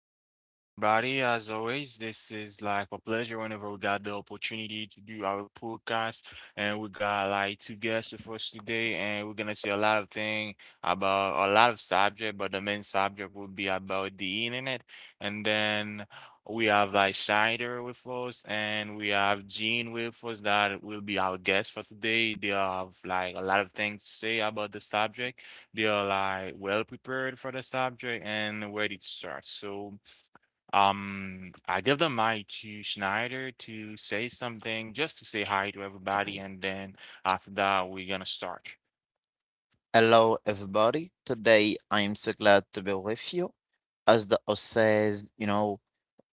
morning to everybody. As always, this is like a pleasure whenever we got the opportunity to do our podcast. And we got like two guests with us today, and we're gonna say a lot of thing about a lot of subject, but the main subject will be about the internet. And then we have like Schneider with us, and we have Jean with us that will be our guest for today. They have like a lot of things to say about the subject, they are like well prepared for the subject and ready to start. So I give the mic to Schneider to say something just to say hi to everybody, and then after that, we're gonna start. Hello, everybody. Today I'm so glad to be with you. As the host says, you know,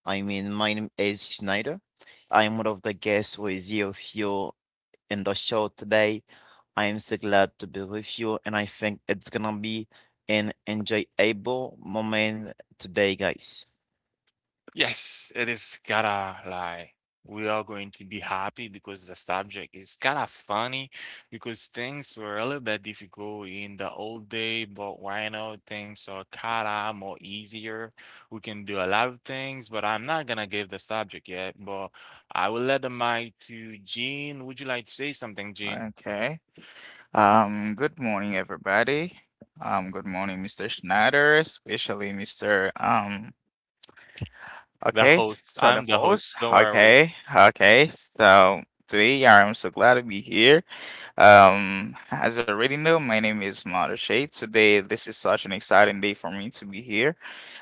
I mean, my name is Schneider. I'm one of the guests who is here with you in the show today. I am so glad to be with you, and I think it's gonna be an enjoyable moment today, guys. Yes, it is kinda like we are going to be happy because the subject is kinda funny because things were a little bit difficult in the old day, but right now things are kinda more easier. We can do a lot of things, but I'm not gonna give the subject yet, but I will let the mic to Jean. Would you like to say something, Jean? Okay. Good morning, everybody. Good morning, Mr. Schneider, especially Mr. Um, The okay, host. so the I'm the host. host, don't worry. Okay. Today I'm so glad to be here. As you already know, my name is Mother Shade. Today, this is such an exciting day for me to be here.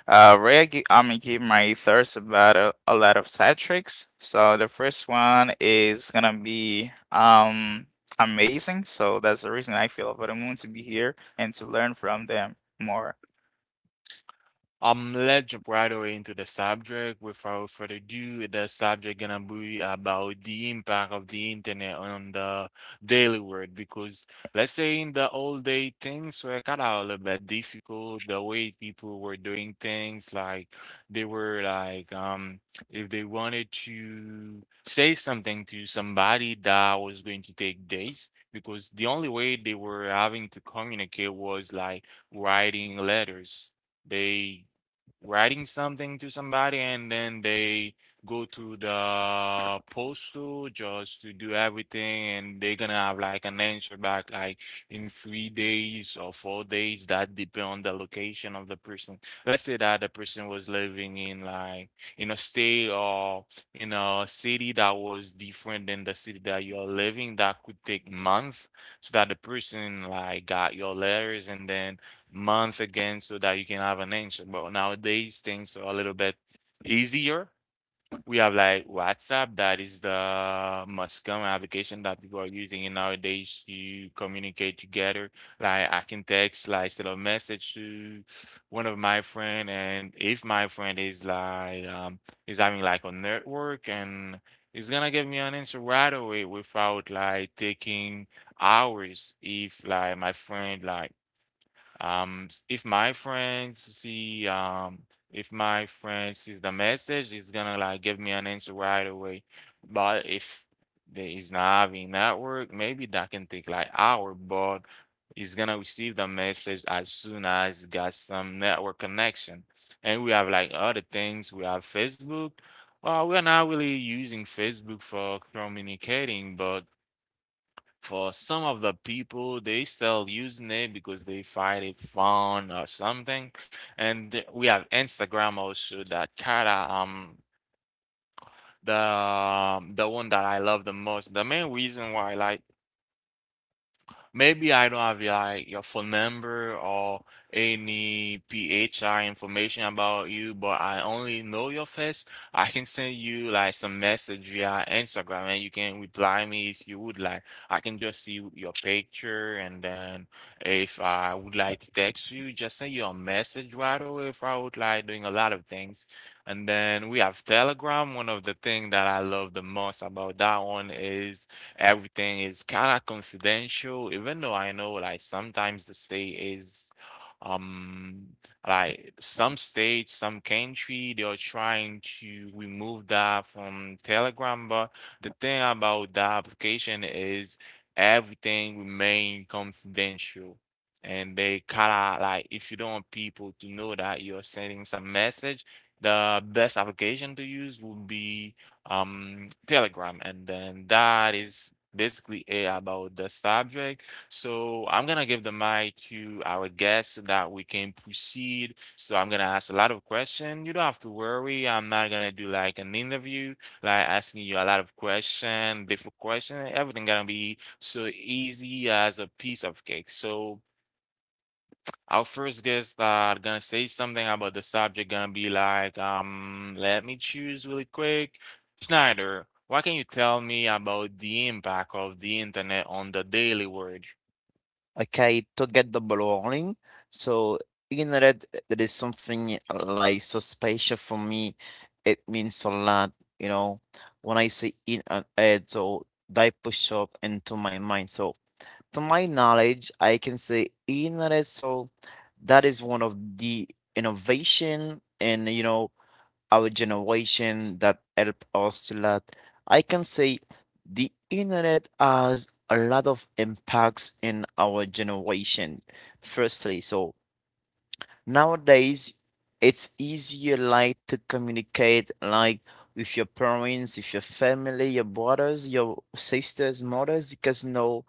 Rhea gi- I mean, Give my thoughts about a lot of side tricks. So the first one is gonna be amazing. So that's the reason I feel over the moon to be here and to learn from them more. Let's jump right away into the subject. Without further ado, the subject gonna be about the impact of the internet on the daily world. Because let's say in the old day, things were kind of a little bit difficult. The way people were doing things, like they were like, if they wanted to say something to somebody, that was going to take days. Because the only way they were having to communicate was like writing letters, they writing something to somebody and then they go to the postal just to do everything, and they're gonna have like an answer back like in 3 days or 4 days, that depend on the location of the person. Let's say that the person was living in like in a state or in a city that was different than the city that you're living, that could take months so that the person like got your letters, and then month again so that you can have an answer. But nowadays things are a little bit easier. We have like WhatsApp, that is the must come application that people are using in nowadays to communicate together. Like I can text, like send a message to one of my friend, and if my friend is like is having like a network, and it's gonna give me an answer right away without like taking hours. If like my friend like um, s- if my friends see, um, if my friend sees the message, he's gonna like give me an answer right away. But if there is not having network, maybe that can take like hour, but he's gonna receive the message as soon as he got some network connection. And we have like other things. We have Facebook. We're not really using Facebook for communicating, but for some of the people they still using it because they find it fun or something, and we have instagram also that kinda the one that I love the most, the main reason why I like. Maybe I don't have like your phone number or any PHI information about you, but I only know your face. I can send you like some message via Instagram and you can reply me if you would like. I can just see your picture, and then if I would like to text you, just send you a message right away if I would like, doing a lot of things. And then we have Telegram. One of the things that I love the most about that one is, everything is kind of confidential, even though I know like sometimes the state is um like some states, some country, they are trying to remove that from Telegram, but the thing about the application is everything remain confidential. And they kind of like, if you don't want people to know that you're sending some message, the best application to use would be Telegram, and then that is basically it about the subject. So I'm gonna give the mic to our guest so that we can proceed. So I'm gonna ask a lot of questions. You don't have to worry. I'm not gonna do like an interview, like asking you a lot of questions, different questions. Everything gonna be so easy as a piece of cake. So our first guest gonna say something about the subject, gonna be like, let me choose really quick. Schneider, what can you tell me about the impact of the internet on the daily world? Okay, to get the ball rolling. So in red, there is something like so special for me. It means a lot, you know. When I say in and red, so that push up into my mind. So to my knowledge, I can say in red. So that is one of the innovation and you know our generation that help us a lot. I can say the internet has a lot of impacts in our generation. Firstly, so nowadays it's easier like to communicate like with your parents, with your family, your brothers, your sisters, mothers, because no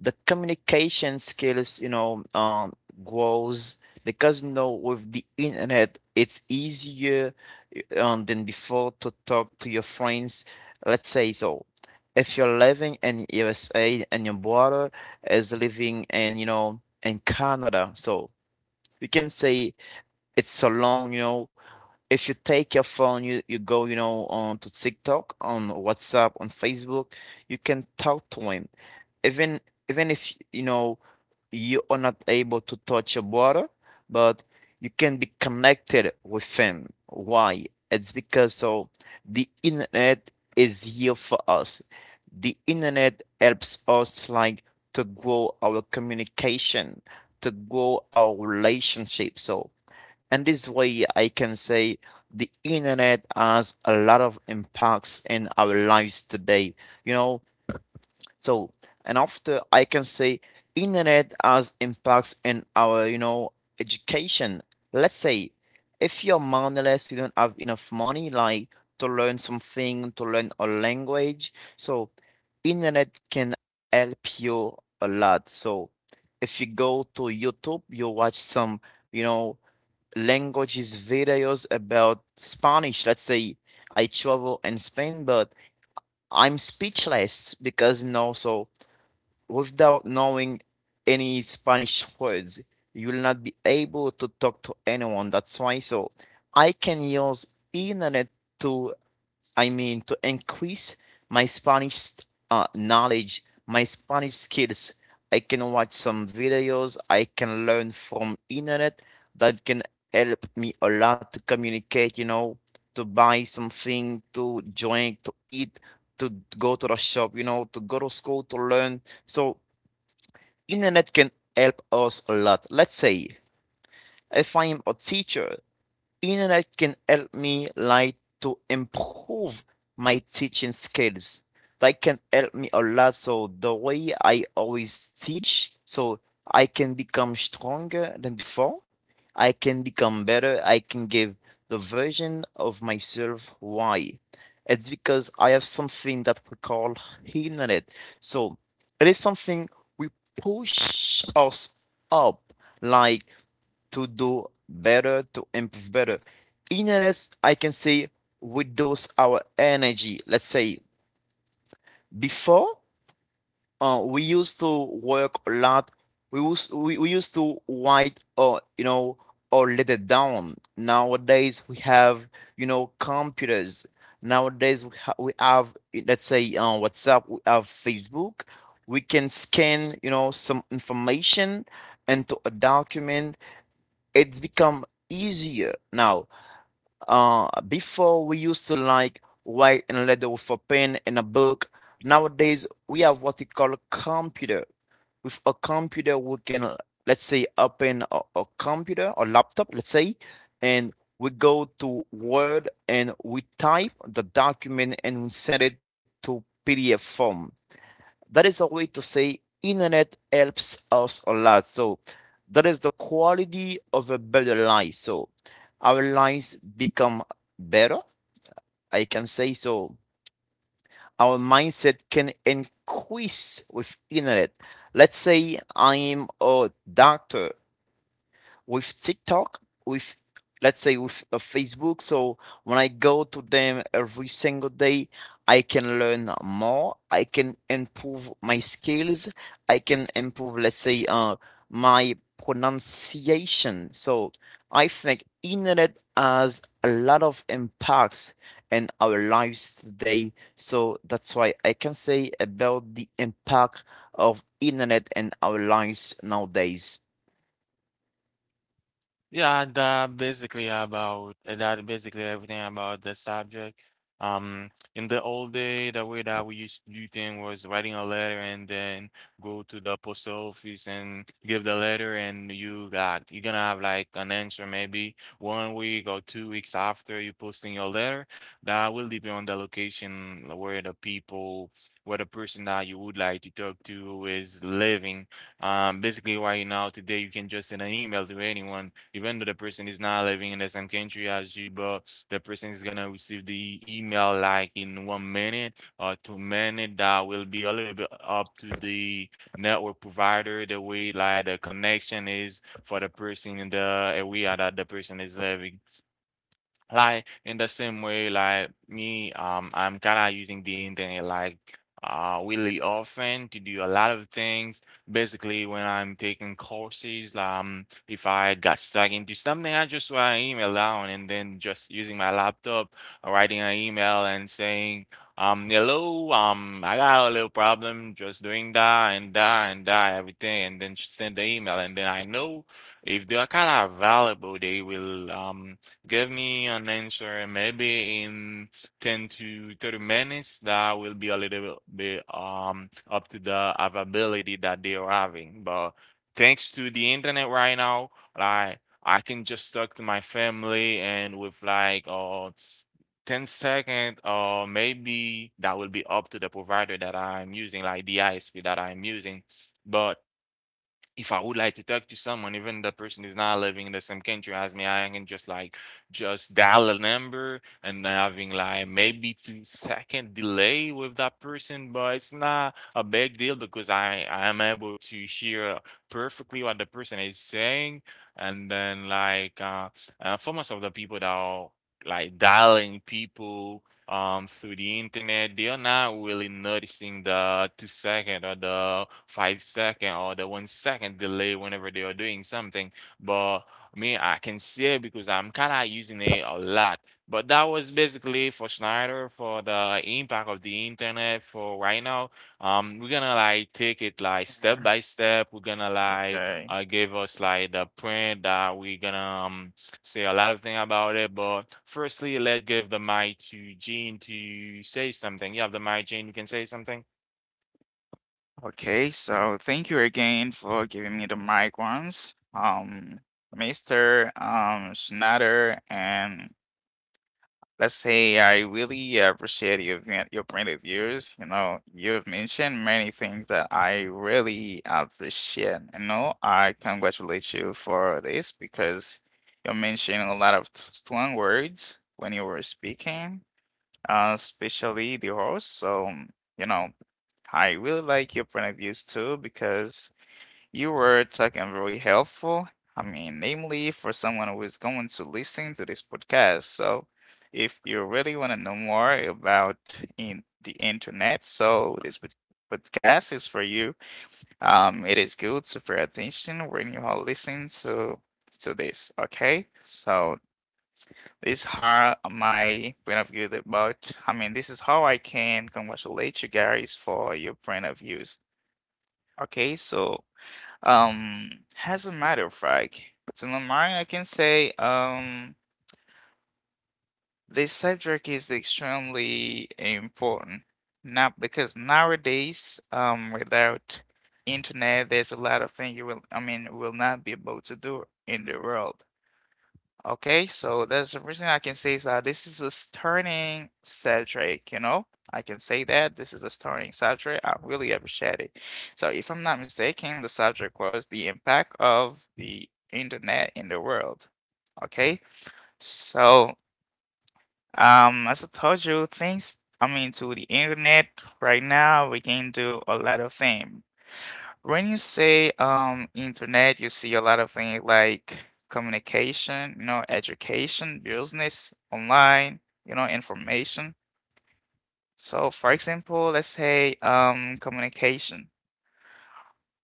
the communication skills, grows because you know with the internet it's easier than before to talk to your friends. Let's say so. If you're living in USA and your brother is living in, you know, in Canada, so we can say it's so long, you know, if you take your phone, you go, you know, on to TikTok, on WhatsApp, on Facebook, you can talk to him. Even even if, you know, you are not able to touch your brother, but you can be connected with him. Why? It's because so the internet is here for us. The internet helps us like to grow our communication, to grow our relationship. So and this way, I can say the internet has a lot of impacts in our lives today, you know? So, and after I can say internet has impacts in our, you know, education. Let's say if you're moneyless, you don't have enough money, like to learn something, to learn a language. So, internet can help you a lot. So, if you go to YouTube, you watch some, you know, languages videos about Spanish. Let's say I travel in Spain, but I'm speechless because you know, so without knowing any Spanish words, you will not be able to talk to anyone. That's why so I can use internet to I mean, to increase my Spanish knowledge, my Spanish skills. I can watch some videos. I can learn from internet that can help me a lot to communicate, you know, to buy something, to drink, to eat, to go to the shop, you know, to go to school, to learn. So internet can help us a lot. Let's say if I am a teacher, internet can help me like to improve my teaching skills. That can help me a lot. So the way I always teach, so I can become stronger than before. I can become better. I can give the version of myself. Why? It's because I have something that we call internet. So it is something we push us up. Like to do better, to improve better. In a rest, I can say we dose our energy. Let's say before we used to work a lot. We used to write or you know or let it down. Nowadays we have you know computers. Nowadays we have let's say WhatsApp. We have Facebook. We can scan you know some information into a document it's become easier now. Before we used to like write in a letter with a pen and a book. Nowadays we have what we call a computer. With a computer, we can let's say open a computer or laptop, let's say, and we go to Word and we type the document and we send it to PDF form that is a way to say internet helps us a lot. So that is the quality of a better line. So our lines become better, I can say so. Our mindset can increase with internet. Let's say I'm a doctor with TikTok, with let's say with Facebook. So when I go to them every single day, I can learn more. I can improve my skills. I can improve, let's say, my pronunciation. So I think internet has a lot of impacts in our lives today. So that's why I can say about the impact of internet in our lives nowadays. Yeah, that basically about that, basically everything about the subject. In the old day, the way that we used to do things was writing a letter and then go to the post office and give the letter, and you're gonna have like an answer maybe 1 week or 2 weeks after you posting your letter. That will depend on the location where where the person that you would like to talk to is living. Basically, right now, today, you can just send an email to anyone, even though the person is not living in the same country as you, but the person is gonna receive the email like in 1 minute or 2 minutes. That will be a little bit up to the network provider, the way like the connection is for the person in the area that the person is living. Like in the same way, like me, I'm kind of using the internet like really often to do a lot of things. Basically, when I'm taking courses, if I got stuck into something, I just write an email down, and then just using my laptop, writing an email and saying, hello, I got a little problem just doing that and that and that, everything, and then send the email, and then I know if they're kind of available, they will give me an answer maybe in 10 to 30 minutes. That will be a little bit up to the availability that they are having. But thanks to the internet right now, like I can just talk to my family and with like 10 second, or maybe that will be up to the provider that I'm using, like the ISP that I'm using. But if I would like to talk to someone, even that person is not living in the same country as me, I can just like just dial a number and having like maybe 2 second delay with that person, but it's not a big deal because I am able to hear perfectly what the person is saying, and then like for most of the people that are like dialing people through the internet, they are not really noticing the 2 second or the 5 second or the 1 second delay whenever they are doing something. But me, I can see it because I'm kind of using it a lot. But that was basically for Schneider, for the impact of the internet for right now. We're gonna like take it like step Yeah. by step, we're gonna like Okay. Give us like the print that we're gonna um say a lot of things about it, but firstly, let's give the mic to Jean to say something. You have the mic, Jean. You can say something. Okay, so thank you again for giving me the mic once. Um, Mr. Um Schneider and let's say I really appreciate your your point of views. You know, you've mentioned many things that I really appreciate. You know, I congratulate you for this because you're mentioning a lot of strong words when you were speaking, especially the horse. So, you know, I really like your point of views too because you were talking very helpful. I mean, namely for someone who is going to listen to this podcast. So, if you really want to know more about in the internet, so this podcast is for you. It is good to pay attention when you are listening to this. Okay, so these are my point of view about. I mean, this is how I can congratulate you guys for your point of views. Okay, so. Um, as a matter of fact, to my mind, I can say this subject is extremely important. Not because nowadays, without internet, there's a lot of things you will, I mean, will not be able to do in the world. Okay, so there's the reason I can say is that this is a starting subject, you know? I can say that this is a starting subject. I really appreciate it. So, if I'm not mistaken, the subject was the impact of the internet in the world. Okay, so as I told you, things I mean to the internet right now, we can do a lot of things. When you say internet, you see a lot of things like communication, you know, education, business, online, you know, information. So for example, let's say communication.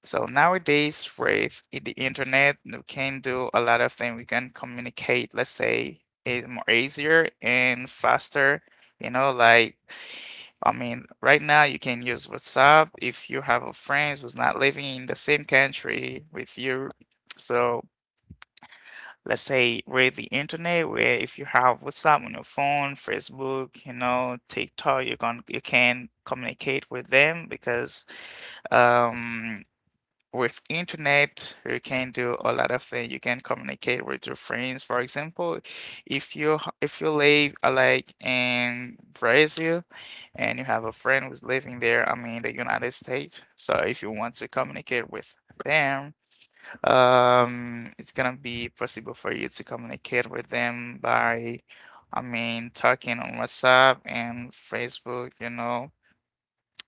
So nowadays, with the internet, we can do a lot of things. We can communicate, let's say, more easier and faster. You know, like, I mean, right now you can use WhatsApp if you have a friend who's not living in the same country with you. So let's say with the internet, where if you have WhatsApp on your phone, Facebook, you know, TikTok, you can communicate with them because um with internet you can do a lot of things. You can communicate with your friends. For example, if you if you live like in Brazil and you have a friend who's living there, I mean the United States, so if you want to communicate with them, it's gonna be possible for you to communicate with them by, I mean, talking on WhatsApp and Facebook, you know.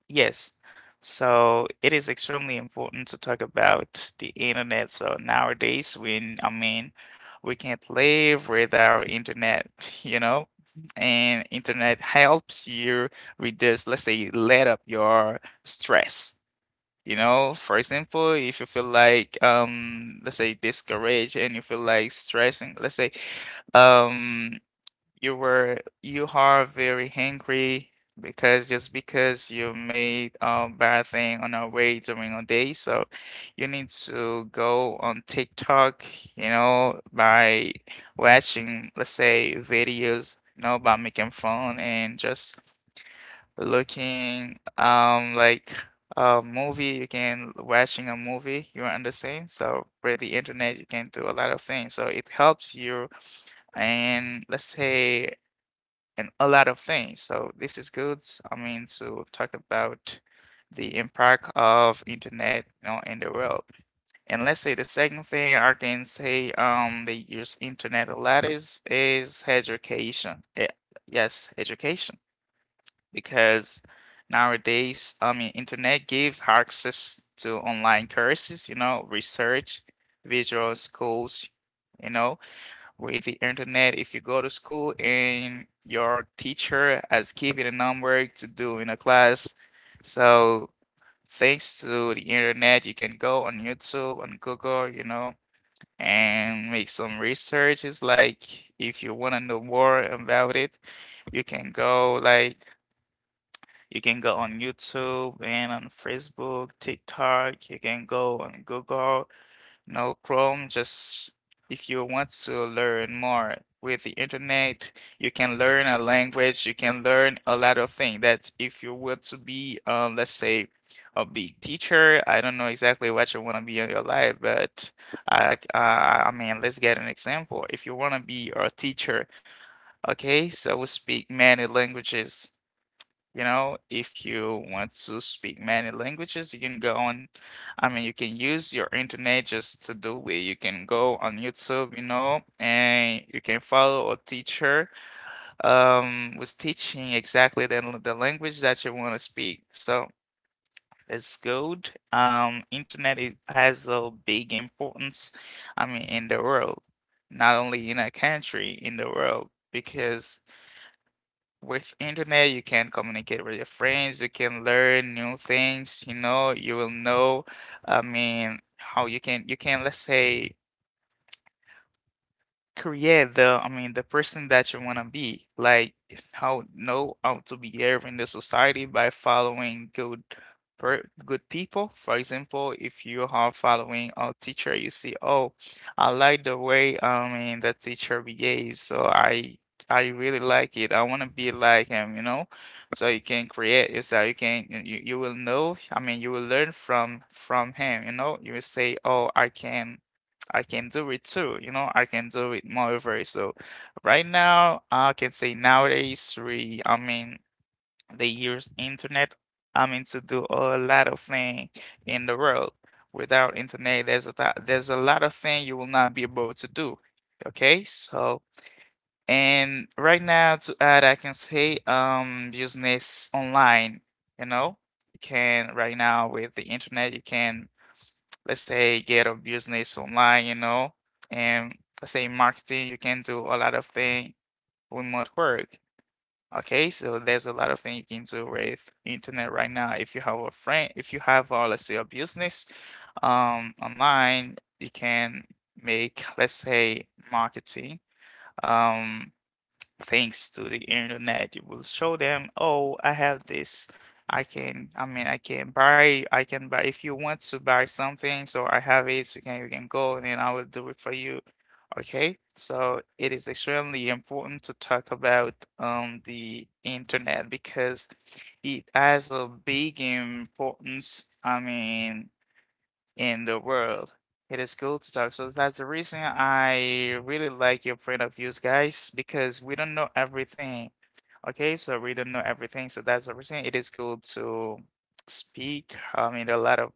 Yes. So it is extremely important to talk about the internet. So nowadays, when I mean, we can't live without internet, you know? And internet helps you reduce, let's say, let up your stress. You know, for example, if you feel like let's say discouraged and you feel like stressing, let's say um you are very hungry because just because you made a bad thing on our way during a day, so you need to go on TikTok, you know, by watching, let's say, videos, you know, by making fun and just looking like a movie. You can watching a movie, you understand? So with the internet, you can do a lot of things. So it helps you and let's say and a lot of things. So this is good. I mean, to talk about the impact of internet, you know, in the world. And let's say the second thing I can say, they use internet a lot is education. Yes, education. Because nowadays, I mean, internet gives access to online courses, you know, research, visual schools, you know, with the internet if you go to school and your teacher has given a homework to do in a class. So thanks to the internet, you can go on YouTube, on Google, you know, and make some research. It's like if you want to know more about it, you can go like you can go on YouTube and on Facebook, TikTok, you can go on Google, no Chrome, just if you want to learn more with the internet, you can learn a language, you can learn a lot of things. That if you want to be, let's say, a big teacher, I don't know exactly what you want to be in your life, but I mean, let's get an example. If you want to be a teacher, okay, so we speak many languages. You know, if you want to speak many languages, you can go on. I mean, you can use your internet just to do it. You can go on YouTube, you know, and you can follow a teacher who's teaching exactly the language that you want to speak. So it's good. Internet is, has a big importance. I mean, in the world, not only in a country, in the world, because with internet you can communicate with your friends, you can learn new things, you know, you will know, I mean, how you can, let's say create the, I mean, the person that you want to be, like how know how to behave in the society by following good people. For example, if you are following a teacher, you see, oh, I like the way, I mean, the teacher behaves, so I really like it, I want to be like him, you know. So you can create yourself, you will know, I mean, you will learn from him, you know, you will say, oh, I can, I can do it too, you know, I can do it moreover. So right now, I can say nowadays, we, I mean, they use internet, I mean, to do a lot of thing in the world. Without internet, there's a lot of thing you will not be able to do. Okay, so and right now to add, I can say business online, you know, you can right now with the internet, you can let's say get a business online, you know, and let's say marketing, you can do a lot of things remote work. Okay, so there's a lot of things you can do with internet right now. If you have a friend, if you have let's say a business online, you can make let's say marketing. Um thanks to the internet, you will show them, oh, I have this. I mean, I can buy, if you want to buy something, so I have it, so you can go and then I will do it for you. Okay, so it is extremely important to talk about the internet because it has a big importance. I mean, in the world. It is cool to talk. So that's the reason I really like your point of views, guys, because we don't know everything. Okay, so we don't know everything. So that's the reason it is cool to speak. I mean, a lot of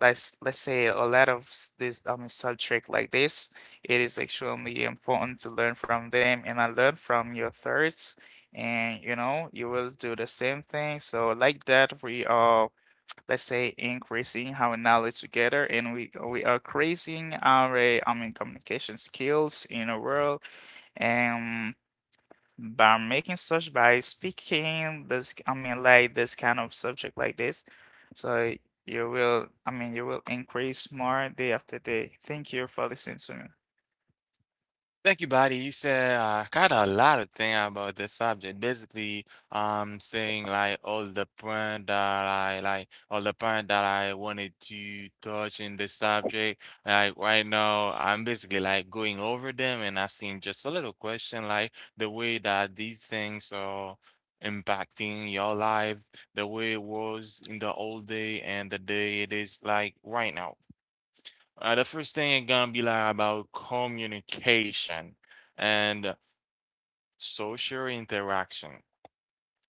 let's say a lot of this I mean subject like this. It is extremely important to learn from them, and I learn from your thoughts. And you know, you will do the same thing. So like that, we are let's say increasing our knowledge together and we are increasing our I mean communication skills in the world and by making such by speaking this, I mean, like this kind of subject like this, so you will, I mean, you will increase more day after day. Thank you for listening to me. Thank you, buddy. You said kind of a lot of thing about this subject. Basically, saying like all the point that I like, all the point that I wanted to touch in this subject. Like right now, I'm basically like going over them, and I seen just a little question like the way that these things are impacting your life, the way it was in the old day and the day it is like right now. The first thing is gonna be like about communication and social interaction.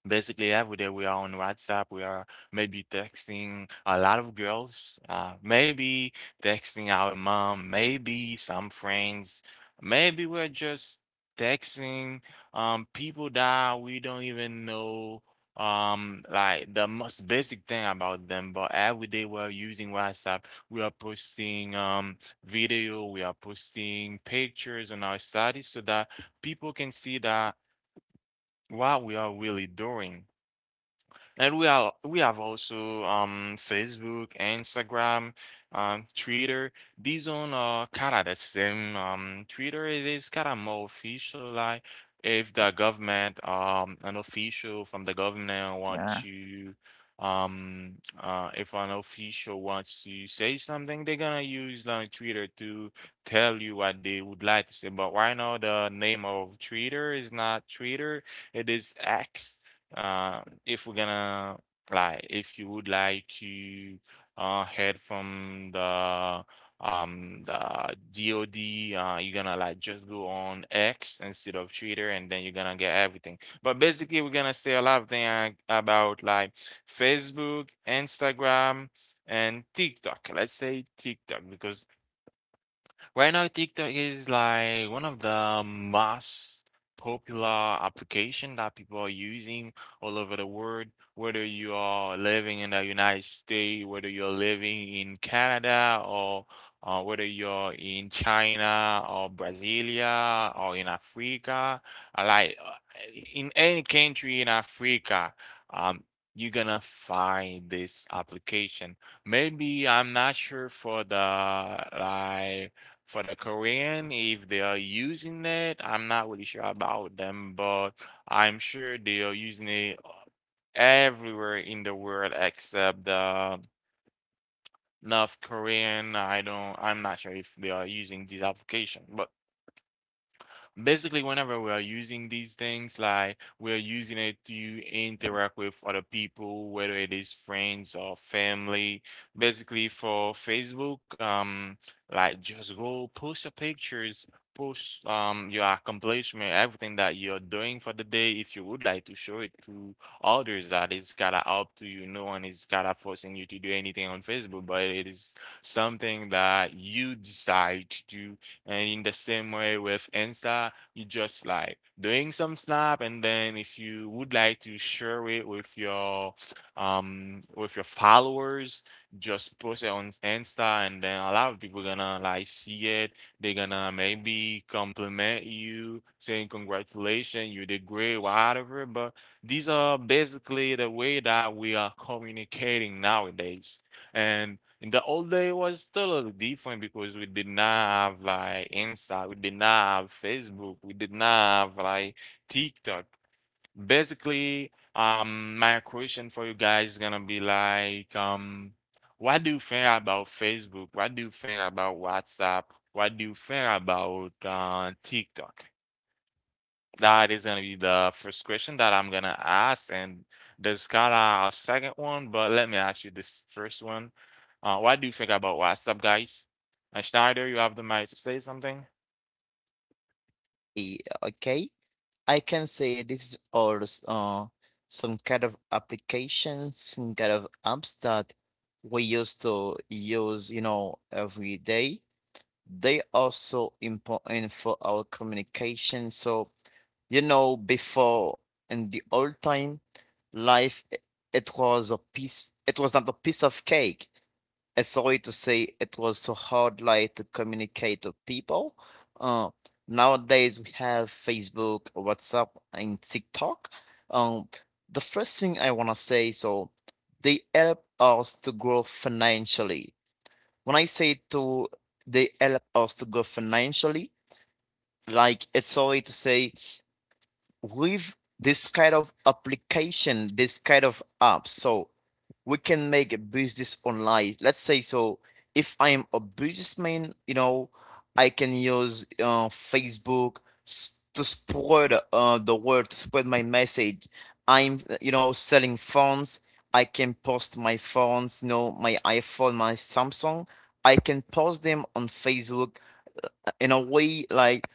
Basically, every day we are on WhatsApp, we are maybe texting a lot of girls, maybe texting our mom, maybe some friends, maybe we're just texting people that we don't even know like the most basic thing about them. But every day we're using WhatsApp, we are posting video, we are posting pictures on our studies so that people can see that what we are really doing. And we have also Facebook, Instagram, Twitter. These on are kind of the same. Twitter it is kind of more official. Like if the government, an official from the government want Yeah. to, um, if an official wants to say something, they're gonna use like Twitter to tell you what they would like to say. But right now, the name of Twitter is not Twitter. It is X. Uh, if we're gonna like if you would like to head from the DOD, you're gonna just go on X instead of Twitter, and then you're gonna get everything. But basically we're gonna say a lot of things about like Facebook, Instagram, and TikTok. Let's say TikTok because right now TikTok is like one of the most popular application that people are using all over the world. Whether you are living in the United States, whether you're living in Canada, or whether you're in China or Brasilia or in Africa, uh, like uh, in any country in Africa, um, you're gonna find this application. Maybe I'm not sure for the like for the Korean, if they are using it. I'm not really sure about them, but I'm sure they are using it everywhere in the world except the North Korean. I'm not sure if they are using this application, but basically whenever we are using these things, like we're using it to interact with other people, whether it is friends or family. Basically for Facebook, like just go post your pictures. Post your accomplishment, everything that you're doing for the day. If you would like to show it to others, that is kind of up to you. No one is kind of forcing you to do anything on Facebook, but it is something that you decide to do. And in the same way with Insta, you just like doing some snap, and then if you would like to share it with your followers, just post it on Insta, and then a lot of people gonna like see it. They're gonna maybe compliment you, saying congratulations, you did great, whatever. But these are basically the way that we are communicating nowadays. And in the old day, it was totally different because we did not have like Insta, we did not have Facebook, we did not have like TikTok. Basically, my question for you guys is gonna be like, what do you think about Facebook? What do you think about WhatsApp? What do you think about TikTok? That is gonna be the first question that I'm gonna ask, and there's kinda a second one, but let me ask you this first one. What do you think about WhatsApp, guys? Schneider, you have the mic to say something? Eh, Okay. I can say this is all uh, some kind of application, some kind of apps that we used to use, you know, every day. They are so important for our communication. So, you know, before in the old time, life i- it was a piece, it was not a piece of cake sorry to say it was so hard like to communicate to people. Uh, Nowadays we have Facebook, WhatsApp, and TikTok. Um, the first thing I wanna say, so they help us to grow financially. When I say to they help us to grow financially, like it's sorry to say with this kind of application, this kind of app, so we can make a business online. Let's say so if I am a businessman, you know, I can use Facebook to spread the word, to spread my message. I'm, you know, selling phones. I can post my phones, you know, my iPhone, my Samsung. I can post them on Facebook in a way like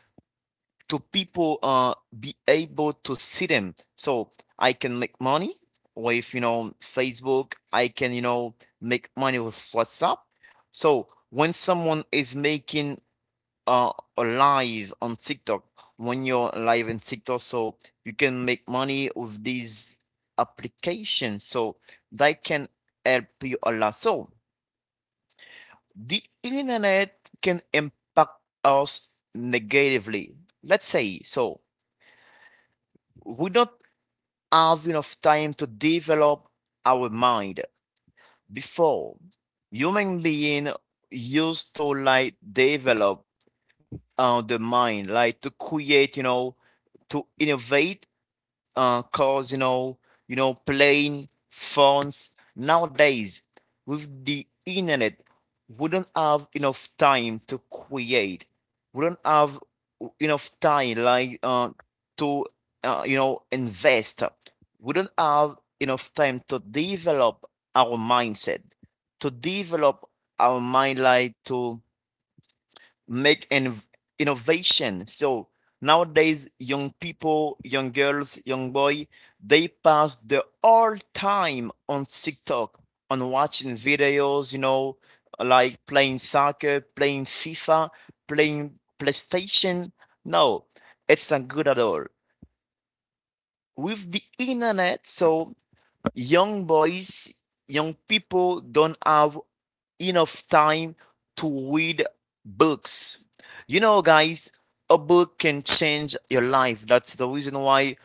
to people be able to see them so I can make money with you know facebook I can you know make money with whatsapp so when someone is making uh a live on tiktok when you're live in tiktok so you can make money with these applications so that can help you a lot so the internet can impact us negatively let's say so we don't have enough time to develop our mind. Before, human being used to like develop the mind, like to create, you know, to innovate cause you know, playing phones nowadays with the internet, we don't have enough time to create. We don't have enough time, like to you know, invest. We don't have enough time to develop our mindset, to develop our mind, like to make an innovation. So nowadays, young people, young girls, young boy, they pass the all time on TikTok, on watching videos, you know, like playing soccer, playing FIFA, playing PlayStation. No, it's not good at all. With the internet, so young boys, young people don't have enough time to read books. You know, guys, a book can change your life. That's the reason why,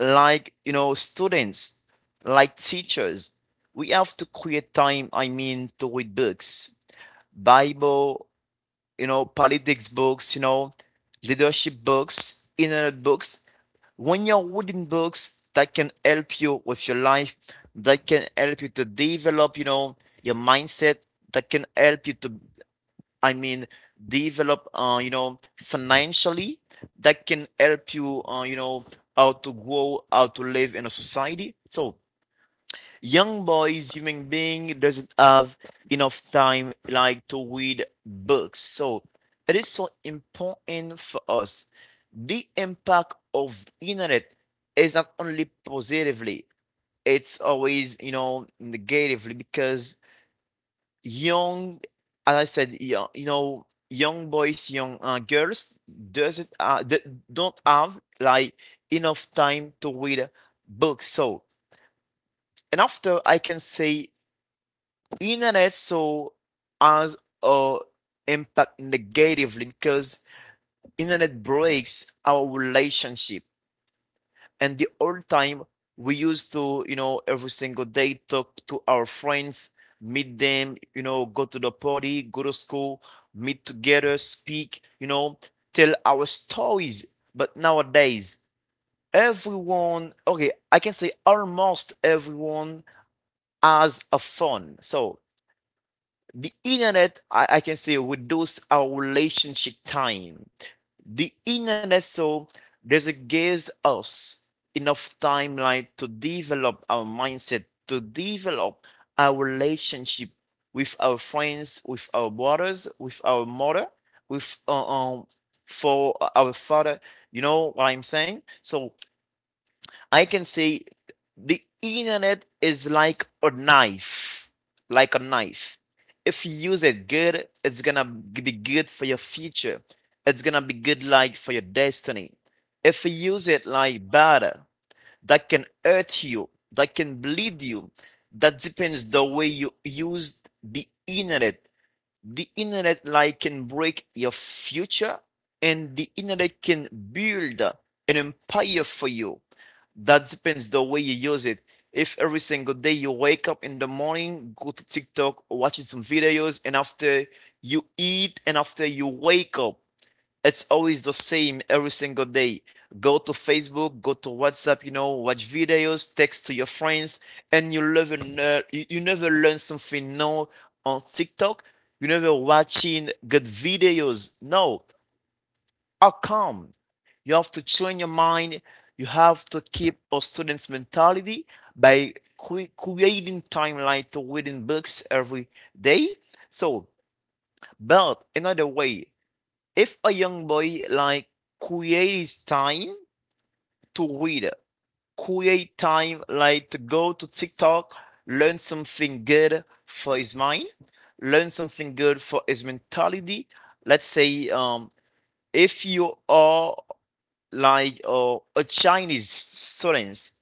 like, you know, students, like teachers, we have to create time, I mean, to read books, Bible, you know, politics books, you know, leadership books, internet books. When you're reading books that can help you with your life, that can help you to develop, you know, your mindset, that can help you to, I mean, develop, you know, financially, that can help you, you know, how to grow, how to live in a society. So young boys, human being doesn't have enough time like to read books. So it is so important for us. The impact of internet is not only positively, it's always, you know, negatively because young, as I said, young, you know, young boys, young girls doesn't d- don't have like enough time to read books. So and after I can say internet so has a impact negatively because internet breaks our relationship and the old time we used to you know every single day talk to our friends meet them you know go to the party go to school meet together speak you know tell our stories but nowadays everyone okay I can say almost everyone has a phone so the internet I can say reduce our relationship time the internet so there's a gives us enough timeline to develop our mindset to develop our relationship with our friends with our brothers with our mother with for our father you know what I'm saying so I can say the internet is like a knife, like a knife. If you use it good, it's gonna be good for your future. It's gonna be good like for your destiny. If you use it like bad, that can hurt you, that can bleed you. That depends the way you use the internet like can break your future and the internet can build an empire for you that depends the way you use it if every single day you wake up in the morning go to tiktok watch some videos and after you eat and after you wake up it's always the same every single day. Go to Facebook, go to WhatsApp, you know, watch videos, text to your friends, and you never learn, you never learn something new on TikTok. You never watching good videos. No, how come? You have to train your mind. You have to keep a student's mentality by creating timeline to reading books every day. So, but another way, if a young boy like create his time to read, create time like to go to TikTok, learn something good for his mind, learn something good for his mentality. Let's say, if you are like a Chinese students,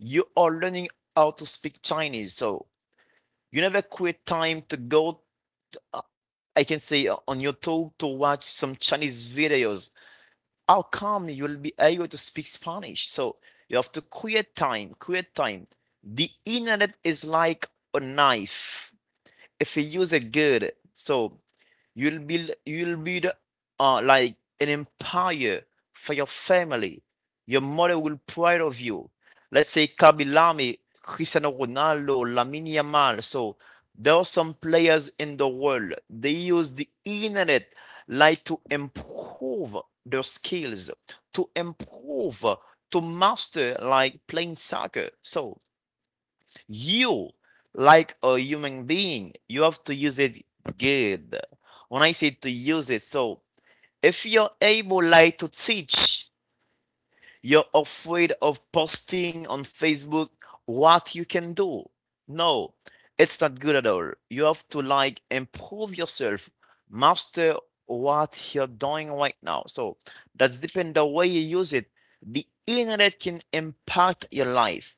you are learning how to speak Chinese, so you never create time to go, I can say on YouTube to watch some Chinese videos, how come you will be able to speak Spanish? So you have to create time, create time. The internet is like a knife. If you use it good, so you'll build like an empire for your family. Your mother will proud of you. Let's say Kabi Lamy, Cristiano Ronaldo, Lamine Yamal. So there are some players in the world. They use the internet like to improve their skills, to improve, to master like playing soccer. So you, like a human being, you have to use it good. When I say to use it, so if you're able, like, to teach, you're afraid of posting on Facebook what you can do. No, it's not good at all. You have to like improve yourself, master what you're doing right now. So that's depend the way you use it. The internet can impact your life,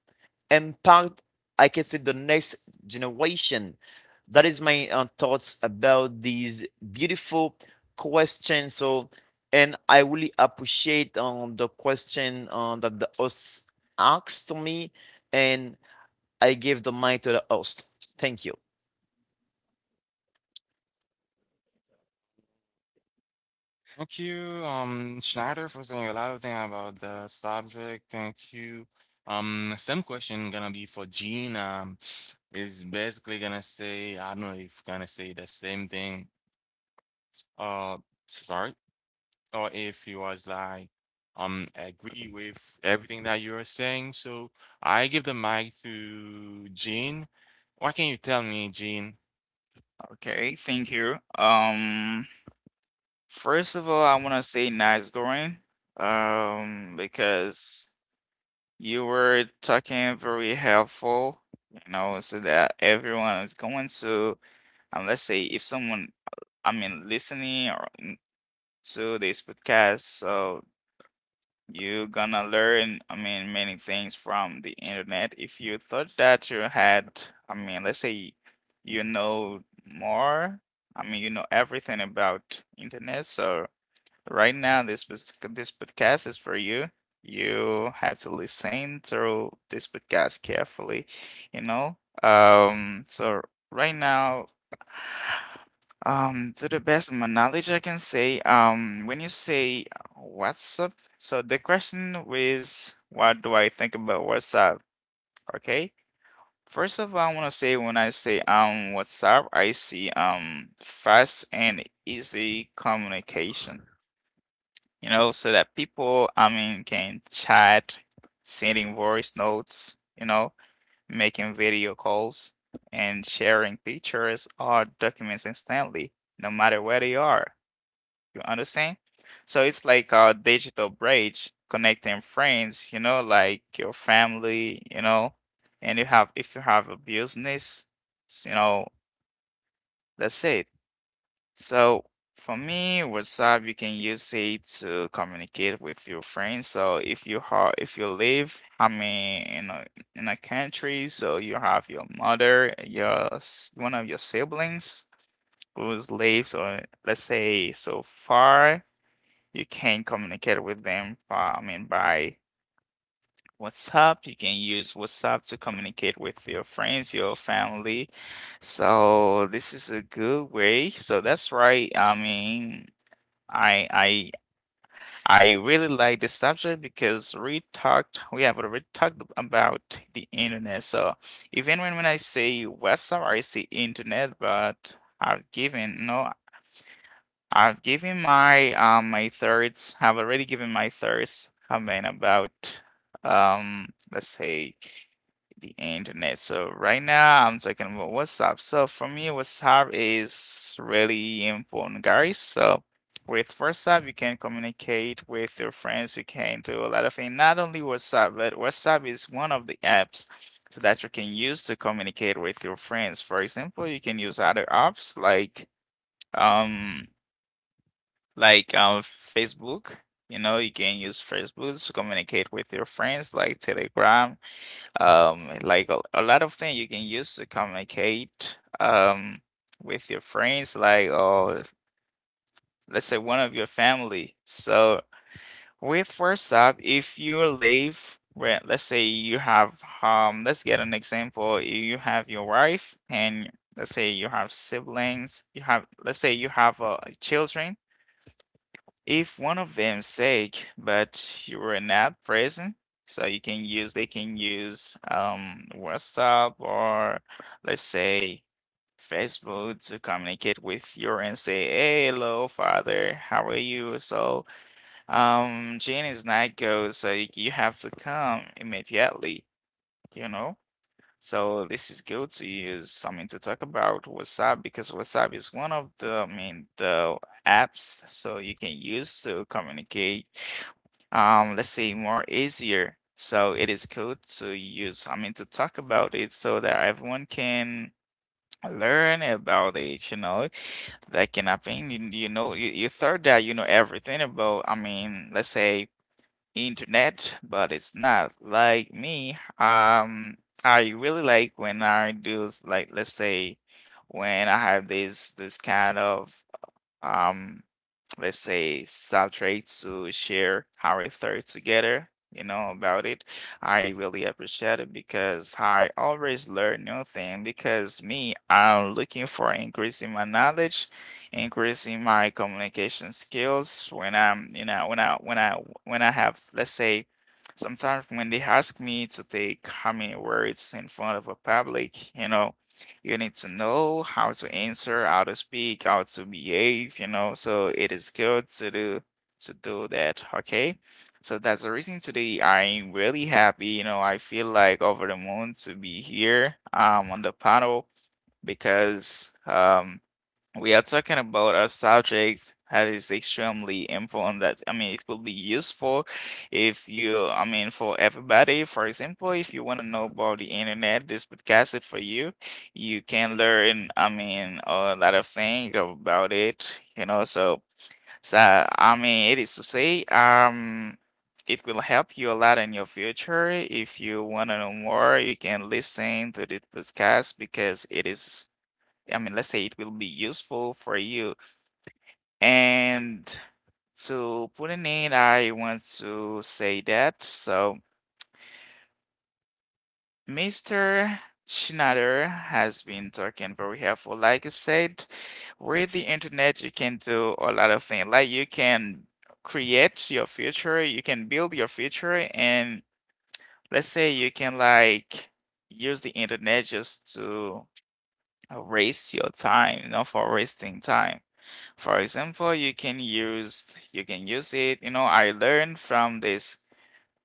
impact, I can say, the next generation. That is my thoughts about these beautiful questions. So, and I really appreciate the question that the host asked to me, and I give the mic to the host. Thank you. Thank you, Schneider, for saying a lot of things about the subject. Thank you. Same question gonna be for Gene. Is basically gonna say I don't know if gonna say the same thing. Uh, sorry. Or if he was like agree with everything that you are saying. So I give the mic to Jean. What can you tell me, Jean? Okay, thank you. First of all, I want to say nice going, because you were talking very helpful, you know, so that everyone is going to, and let's say if someone, I mean, listening or to this podcast, so you're gonna learn, I mean, many things from the internet. If you thought that you had, I mean, let's say you know more, I mean, you know everything about internet, so. Right now, this podcast is for you. You have to listen through this podcast carefully, you know. So right now, to the best of my knowledge, I can say, when you say WhatsApp, so the question is, what do I think about WhatsApp? Okay. First of all, I want to say when I say WhatsApp, I see fast and easy communication, so that people, can chat, sending voice notes, you know, making video calls, and sharing pictures or documents instantly, no matter where they are. You understand? So it's like a digital bridge connecting friends, you know, like your family, you know, and you have if you have a business, you know, that's it. So for me, WhatsApp, you can use it to communicate with your friends. So if you live, in a country, so you have your mother, your one of your siblings who lives, or let's say so far, you can communicate with them. I mean, by WhatsApp, you can use WhatsApp to communicate with your friends, your family. So this is a good way. So that's right. I mean. I I I really like this subject because we have already talked about the internet. So even when I say WhatsApp, I say internet, but I've given no I've given my my thirds. Have already given my thirds. Have been about let's say the internet. So right now I'm talking about WhatsApp. So for me, WhatsApp is really important, guys. So with WhatsApp, you can communicate with your friends. You can do a lot of things. Not only WhatsApp, but WhatsApp is one of the apps so that you can use to communicate with your friends. For example, you can use other apps like um like Facebook. You know, you can use Facebook to communicate with your friends, like Telegram. Like a lot of things you can use to communicate with your friends, like or let's say one of your family. So with WhatsApp, if you live where let's say you have let's get an example. You have your wife and let's say you have siblings, you have let's say you have children if one of them sick, but you were not present, so you can use they can use WhatsApp or let's say Facebook to communicate with you and say, "Hey, hello, father, how are you?" So, Jane is not good, so you have to come immediately, you know? So this is good to use something to talk about WhatsApp because WhatsApp is one of the, I mean, the apps so you can use to communicate, let's say more easier. So it is good to use, I mean, to talk about it so that everyone can learn about it, you know, that can happen. You know, you thought that you know everything about, I mean, let's say internet, but it's not like me. I really like when I do like let's say when I have this kind of um, let's say subtract to share our thoughts together you know about it. I really appreciate it because I always learn new thing because me I'm looking for increasing my knowledge, increasing my communication skills when I'm you know when I have let's say sometimes when they ask me to take how many words in front of a public you know, you need to know how to answer, how to speak, how to behave, you know. So it is good to do that, okay? So that's the reason today I'm really happy, you know. I feel like over the moon to be here on the panel because we are talking about a subject that is extremely important that I mean it will be useful if you I mean for everybody. For example, if you want to know about the internet, this podcast is for you. You can learn I mean a lot of things about it, you know. So I mean it is to say it will help you a lot in your future. If you want to know more, you can listen to this podcast because it is I mean, let's say it will be useful for you. And to put in it, I want to say that. So, Mr. Schneider has been talking very helpful. Like I said, with the internet, you can do a lot of things. Like you can create your future, you can build your future, and let's say you can like use the internet just to waste your time, not for wasting time. For example, you can use it, you know, I learned from this,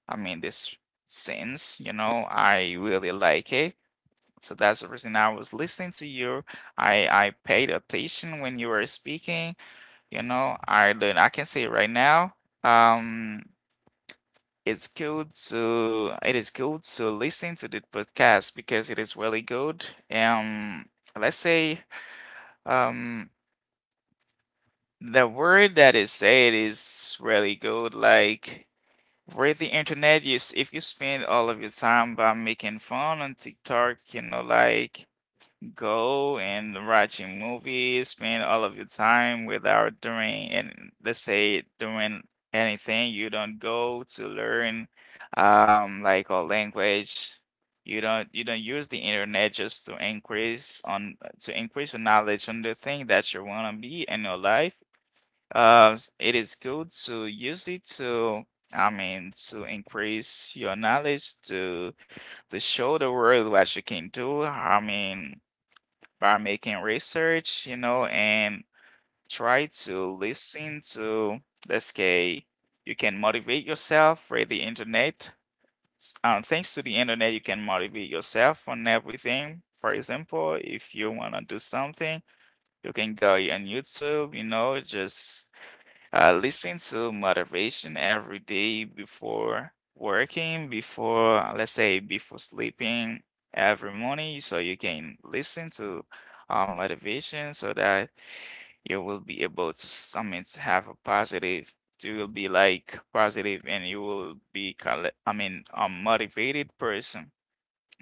I mean this since, you know, I really like it. So that's the reason I was listening to you. I paid attention when you were speaking, you know, I learned I can say it right now. Um it's good to it is good to listen to the podcast because it is really good. Um let's say um the word that is said is really good. Like with the internet, if you spend all of your time by making fun on TikTok, you know, like go and watching movies, spend all of your time without doing and let's say doing anything. You don't go to learn, like a language. You don't use the internet just to increase on to increase your knowledge on the thing that you wanna be in your life. uh, it is good to use it to, I mean, to increase your knowledge to show the world what you can do. I mean, by making research, you know, and try to listen to, let's say, you can motivate yourself for the internet. Thanks to the internet, you can motivate yourself on everything. For example, if you want to do something, you can go on YouTube, you know, just listen to motivation every day before working, before, let's say, before sleeping every morning. So you can listen to motivation so that you will be able to, I mean, to have a positive, you will be like positive and you will be, I mean, a motivated person.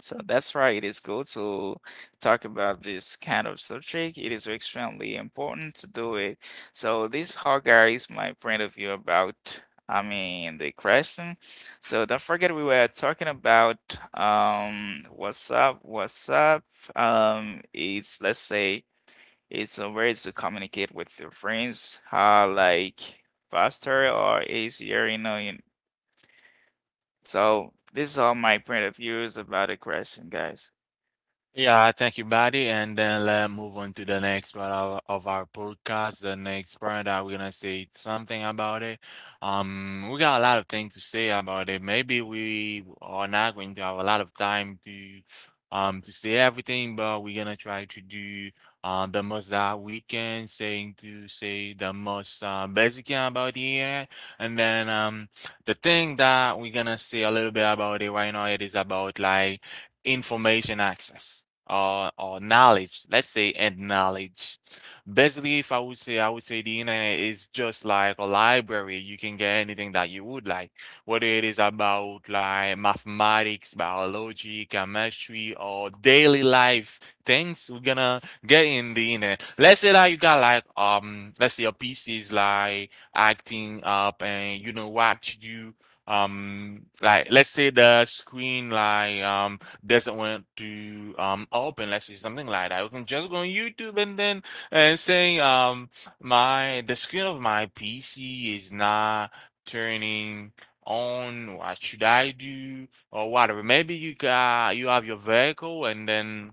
So that's why it is good to talk about this kind of subject. It is extremely important to do it. So this whole guy is my point of view about, I mean, the question. So don't forget we were talking about what's up, what's up. It's let's say it's a way to communicate with your friends, like faster or easier, you know. So this is all my point of views about the question, guys. Yeah, thank you, buddy. And then let's move on to the next part of our podcast. The next part, I'm gonna say something about it. We got a lot of things to say about it. Maybe we are not going to have a lot of time to to say everything, but we're gonna try to do the most that we can, saying to say the most basic thing about it. And then, the thing that we're gonna say a little bit about it right now, it is about like information access or knowledge. Let's say and knowledge. Basically, if I would say, I would say the internet is just like a library. You can get anything that you would like, whether it is about like mathematics, biology, chemistry, or daily life things. We're gonna get in the internet. Let's say that you got like let's say your PC is like acting up, and you know what to do. Like let's say the screen like doesn't want to open, let's say something like that. We can just go on YouTube and then and saying my the screen of my PC is not turning on. What should I do or whatever? Maybe you have your vehicle, and then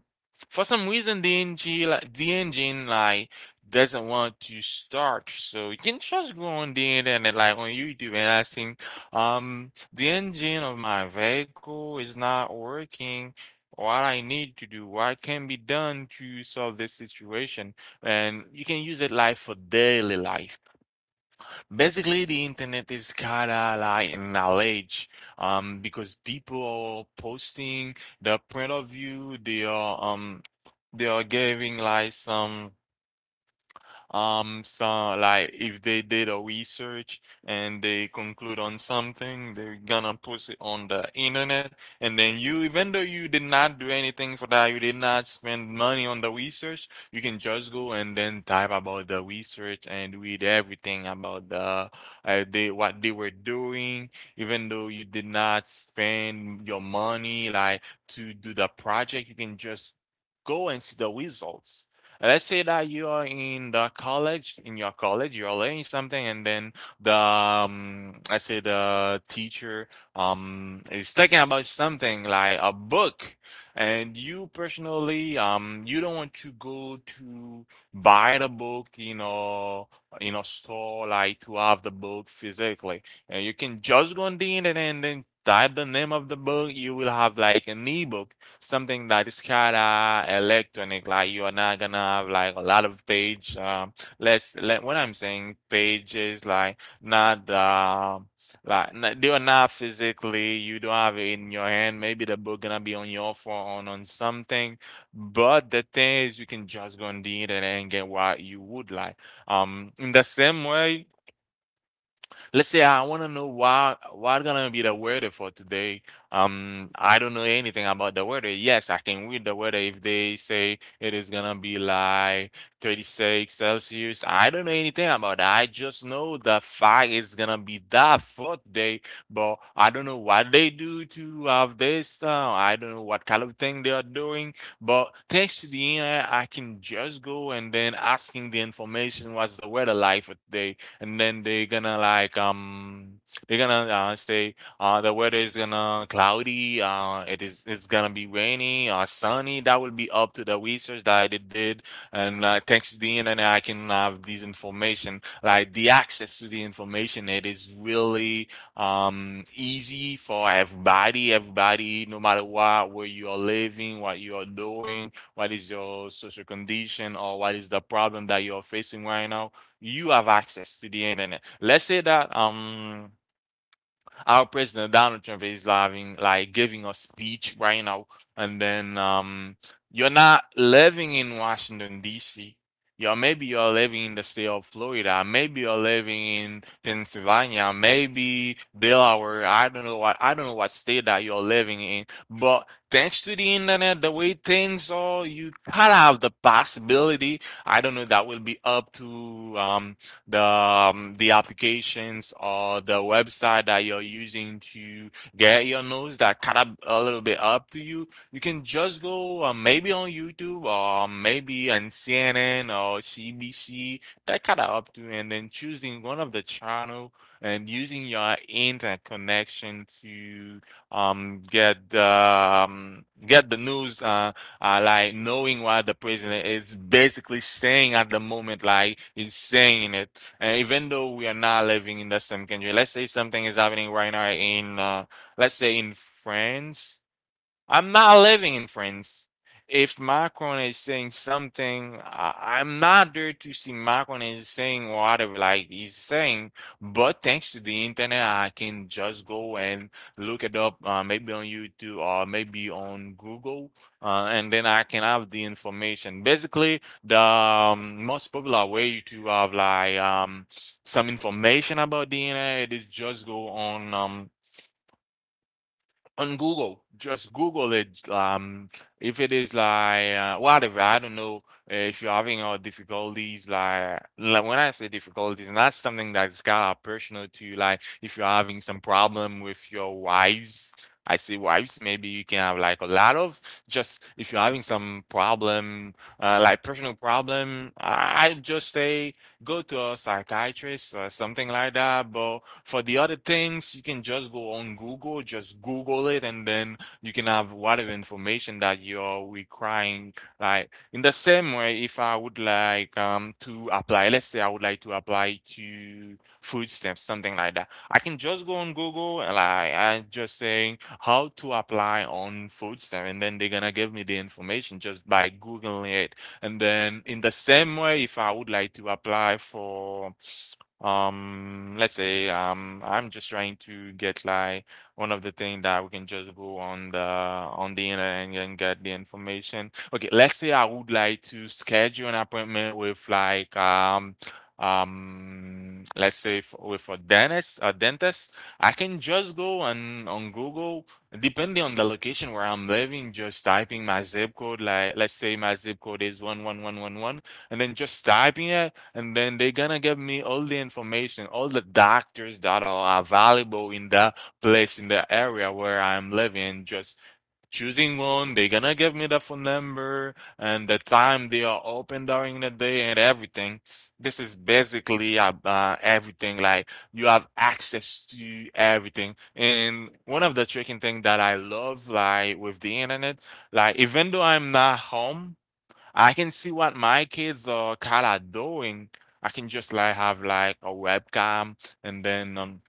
for some reason the engine like the engine doesn't want to start. So you can just go on the internet like on YouTube and asking the engine of my vehicle is not working, what I need to do, what can be done to solve this situation. And you can use it like for daily life. Basically, the internet is kind of like knowledge, because people are posting their point of view. They are they are giving like some like if they did a research and they conclude on something, they're gonna post it on the internet. And then you, even though you did not do anything for that, you did not spend money on the research, you can just go and then type about the research and read everything about the they what they were doing. Even though you did not spend your money like to do the project, you can just go and see the results. Let's say that you are in the college, in your college you are learning something, and then the let's say the teacher is talking about something like a book, and you personally you don't want to go to buy the book, you know, in a store like to have the book physically, and you can just go on the internet and then type the name of the book. You will have like an ebook, something that is kinda electronic. Like you are not gonna have like a lot of page. Let's let when I'm saying pages, like not Uh, like they are not physically. You don't have it in your hand. Maybe the book gonna be on your phone on something. But the thing is, you can just go on the internet and get what you would like. In the same way, let's say I want to know why what gonna be the weather for today. I don't know anything about the weather. Yes, I can read the weather if they say it is gonna be like 36 Celsius. I don't know anything about that. I just know the fact it's gonna be that for today. But I don't know what they do to have this. I don't know what kind of thing they are doing. But thanks to the internet, I can just go and then asking the information what's the weather like for today, and then they're gonna like they're gonna say the weather is gonna cloudy, it's gonna be rainy or sunny. That will be up to the research that I did. And thanks to the internet, I can have these information. Like the access to the information, it is really easy for everybody. Everybody, no matter what where you are living, what you are doing, what is your social condition, or what is the problem that you are facing right now, you have access to the internet. Let's say that our president Donald Trump is having like giving a speech right now, and then you're not living in Washington D.C. You're maybe you're living in the state of Florida, maybe you're living in Pennsylvania, maybe Delaware. I don't know what state that you're living in, but thanks to the internet, the way things are, you kind of have the possibility. I don't know, that will be up to the applications or the website that you're using to get your notes. That kind of a little bit up to you. You can just go maybe on YouTube or maybe on CNN or CBC, that kind of up to, and then choosing one of the channel and using your internet connection to um get the get the news like knowing what the president is basically saying at the moment, like he's saying it. And even though we are not living in the same country, let's say something is happening right now in, let's say in France. I'm not living in France. If Macron is saying something, I'm not there to see Macron is saying whatever like he's saying. But thanks to the internet, I can just go and look it up, maybe on YouTube or maybe on Google, and then I can have the information. Basically, the most popular way to have like some information about the internet is just go on Google, just Google it. If it is like whatever, I don't know, if you're having difficulties. Like when I say difficulties, not something that's kind of personal to you. Like if you're having some problem with your wives, I say wives, maybe you can have like a lot of. Just if you're having some problem, like personal problem, I just say go to a psychiatrist or something like that. But for the other things, you can just go on Google, just Google it, and then you can have whatever information that you're requiring. Like in the same way, if I would like to apply, let's say I would like to apply to food stamps, something like that. I can just go on Google and like I just saying how to apply on food stamp, and then they're gonna give me the information just by Googling it. And then in the same way, if I would like to apply for, let's say, I'm just trying to get like one of the things that we can just go on the internet and, get the information. Okay, let's say I would like to schedule an appointment with like let's say f with a dentist. I can just go on Google depending on the location where I'm living, just typing my zip code. Like let's say my zip code is 11111, and then just typing it, and then they're gonna give me all the information, all the doctors that are available in the place, in the area where I'm living. Just choosing one, they gonna give me the phone number and the time they are open during the day and everything. This is basically everything. Like you have access to everything, and one of the tricking thing that I love like with the internet, like even though I'm not home, I can see what my kids are kind of doing. I can just like have like a webcam, and then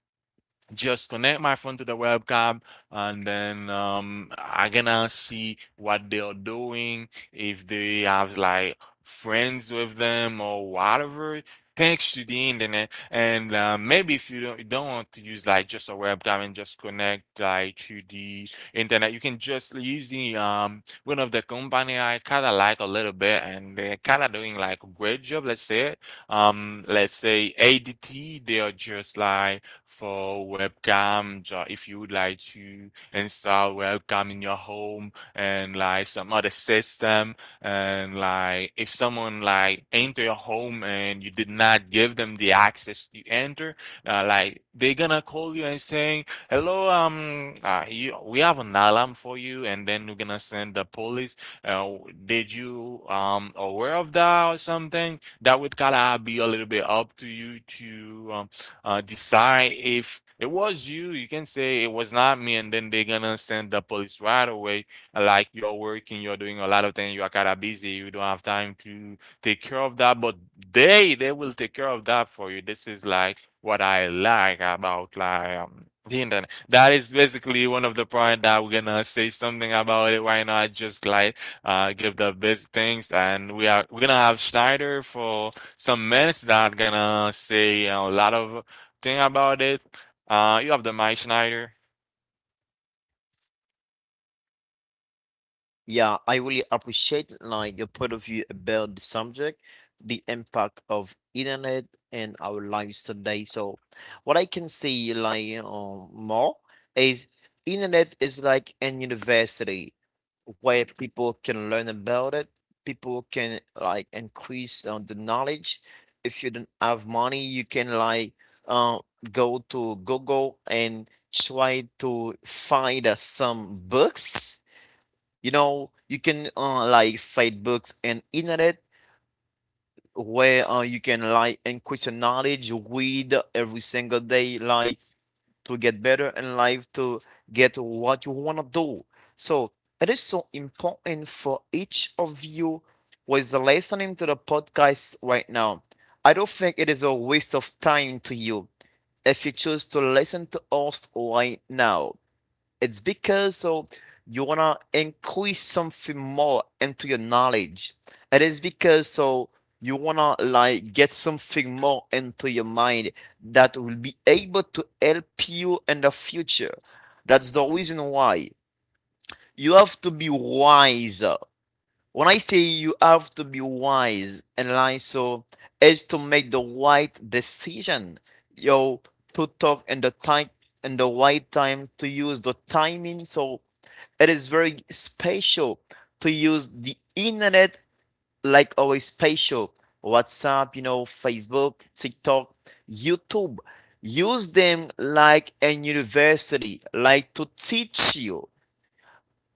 just connect my phone to the webcam, and then I gonna see what they're doing, if they have like friends with them or whatever, thanks to the internet. And maybe if you don't want to use like just a webcam and just connect like to the internet, you can just use the one of the company I kinda like a little bit, and they're kinda doing like a great job, let's say it. Let's say ADT, they are just like for webcams, or if you would like to install webcam in your home and like some other system, and like if someone like enter your home and you did not give them the access to enter, like they're gonna call you and saying, "Hello, you, we have an alarm for you," and then you're gonna send the police. Uh, did you aware of that or something? That would kind of be a little bit up to you to decide if it was you. You can say it was not me, and then they're gonna send the police right away. Like you're working, you're doing a lot of things, you are kind of busy, you don't have time to take care of that. But they will take care of that for you. This is like what I like about like the internet. That is basically one of the point that we're gonna say something about it. Why not just like give the best things, and we're gonna have Schneider for some minutes that gonna say a lot of. Think about it. You have the Mike Schneider. Yeah, I really appreciate like your point of view about the subject, the impact of internet and our lives today. So what I can say like more is, internet is like an university where people can learn about it. People can like increase on the knowledge. If you don't have money, you can like uh, go to Google and try to find some books. You know, you can like find books and internet where you can like increase your knowledge, read every single day, like to get better in life, to get what you wanna do. So it is so important for each of you who is listening to the podcast right now. I don't think it is a waste of time to you if you choose to listen to us right now. It's because so you wanna increase something more into your knowledge. It is because so you wanna like get something more into your mind that will be able to help you in the future. That's the reason why you have to be wise. When I say you have to be wise and like, so is to make the right decision. Yo, to talk in the time, in the right time, to use the timing. So it is very special to use the internet like always special. WhatsApp, you know, Facebook, TikTok, YouTube. Use them like a university, like to teach you,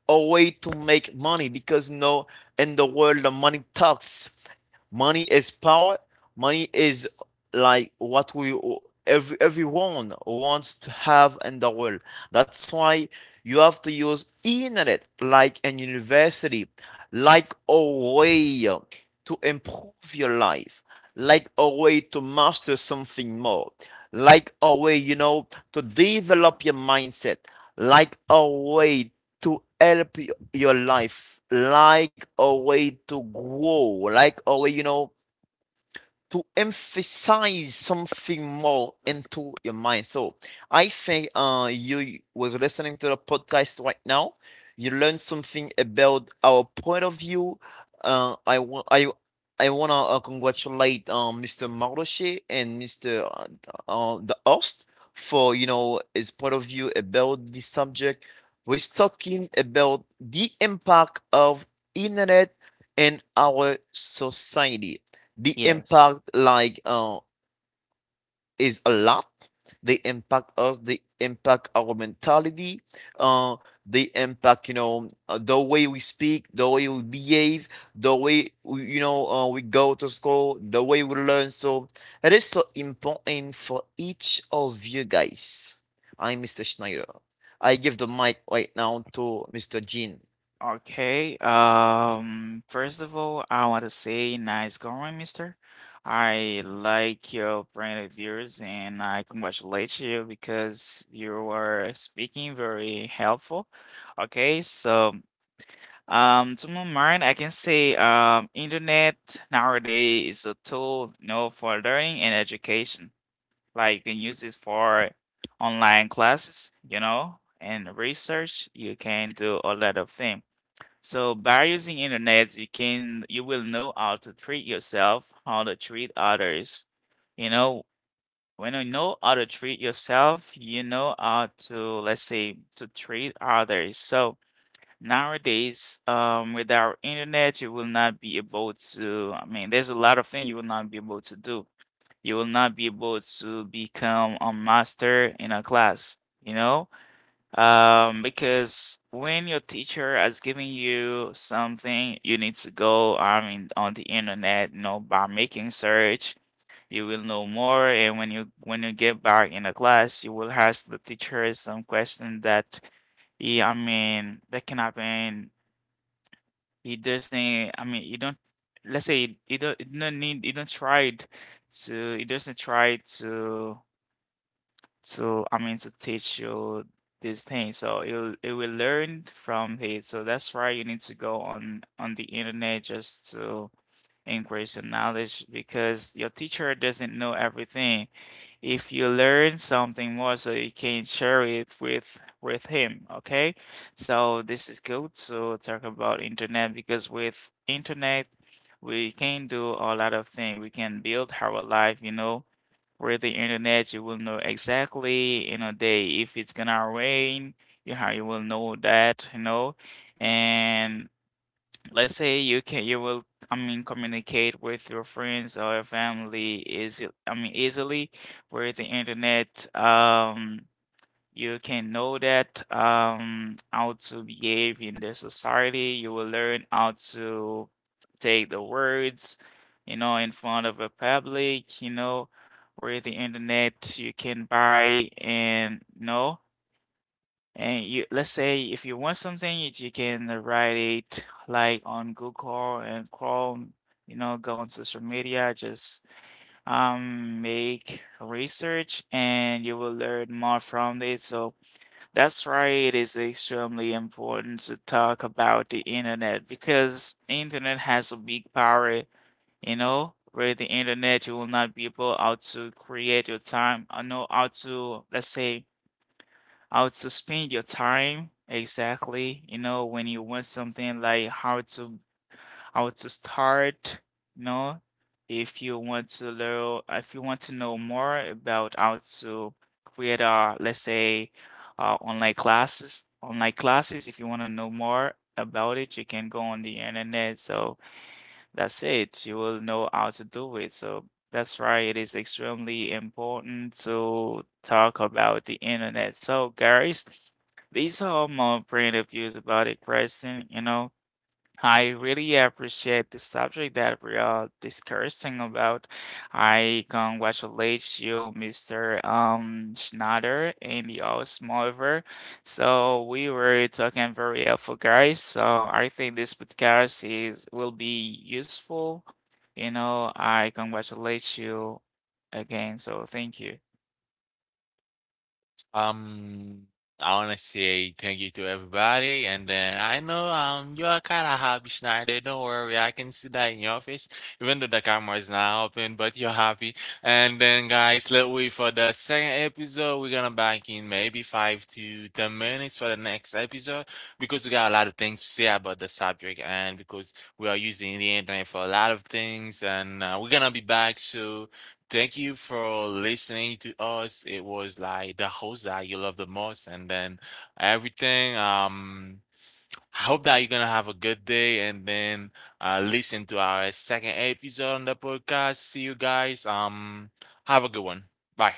a way to make money, because no, in the world the money talks, money is power, money is like what we, everyone wants to have in the world. That's why you have to use internet like in university, like a way to improve your life, like a way to master something more, like a way, you know, to develop your mindset, like a way to help your life, like a way to grow, like a way, you know, to emphasize something more into your mind. So I think you was listening to the podcast right now. You learned something about our point of view. I want I I wanna congratulate Mr. Maroche and Mr. The host, for you know his point of view about this subject. We're talking about the impact of internet in our society, the Yes. impact like is a lot. They impact us, they impact our mentality, uh, they impact, you know, the way we speak, the way we behave, the way we, you know, we go to school, the way we learn. So it is so important for each of you guys. I'm Mr. Schneider. I give the mic right now to Mr. Jean. Okay. First of all, I want to say nice going, mister. I like your brand of views and I congratulate you because you were speaking very helpful. Okay, so to my mind, I can say internet nowadays is a tool, you know, for learning and education. Like you can use this for online classes, you know, and research. You can do a lot of things. So by using internet, you will know how to treat yourself, how to treat others. You know, when you know how to treat yourself, you know how to let's say to treat others. So nowadays, with our internet, you will not be able to. I mean, there's a lot of things you will not be able to do. You will not be able to become a master in a class. You know, because when your teacher is giving you something, you need to go, I mean, on the internet, you know, by making search, you will know more. And when you get back in the class, you will ask the teacher some question that he, I mean, that can happen. He doesn't, I mean, you don't, let's say you don't need, you don't try to, he doesn't try to I mean to teach you this thing. So it will learn from it. So that's why you need to go on the internet just to increase your knowledge because your teacher doesn't know everything. If you learn something more, so you can share it with him. Okay, so this is good to talk about internet because with internet. We can do a lot of things. We can build our life, you know, with the internet, you will know exactly in a day if it's gonna rain. You how you will know that, you know, and let's say you will I mean communicate with your friends or your family easy I mean easily with the internet. You can know that how to behave in the society. You will learn how to take the words, you know, in front of a public, you know, where the internet you can buy and you know, and you let's say if you want something, you can write it like on Google and Chrome, you know, go on social media, just make research and you will learn more from it. So that's right. It is extremely important to talk about the internet because internet has a big power, you know. With the internet, you will not be able how to create your time. I know how to, let's say, how to spend your time exactly. You know, when you want something like how to start, you know, if you want to learn, if you want to know more about how to create a, let's say, online classes, if you want to know more about it, you can go on the internet. So that's it. You will know how to do it. So that's why it is extremely important to talk about the internet. So, guys, these are my point of views about it, Preston. You know, I really appreciate the subject that we are discussing about. I congratulate you, Mr. Schneider and the Osmover. So we were talking very helpful, guys. So I think this podcast is will be useful. You know, I congratulate you again. So thank you. Um, I want to say thank you to everybody, and then I know you are kind of happy, Schneider. Don't worry, I can see that in your face, even though the camera is not open, but you're happy. And then, guys, let's wait for the second episode. We're gonna back in maybe 5 to 10 minutes for the next episode, because we got a lot of things to say about the subject, and because we are using the internet for a lot of things, and we're gonna be back. So thank you for listening to us. It was like the host that you love the most, and then everything. I hope that you're gonna have a good day, and then listen to our second episode on the podcast. See you guys. Have a good one. Bye.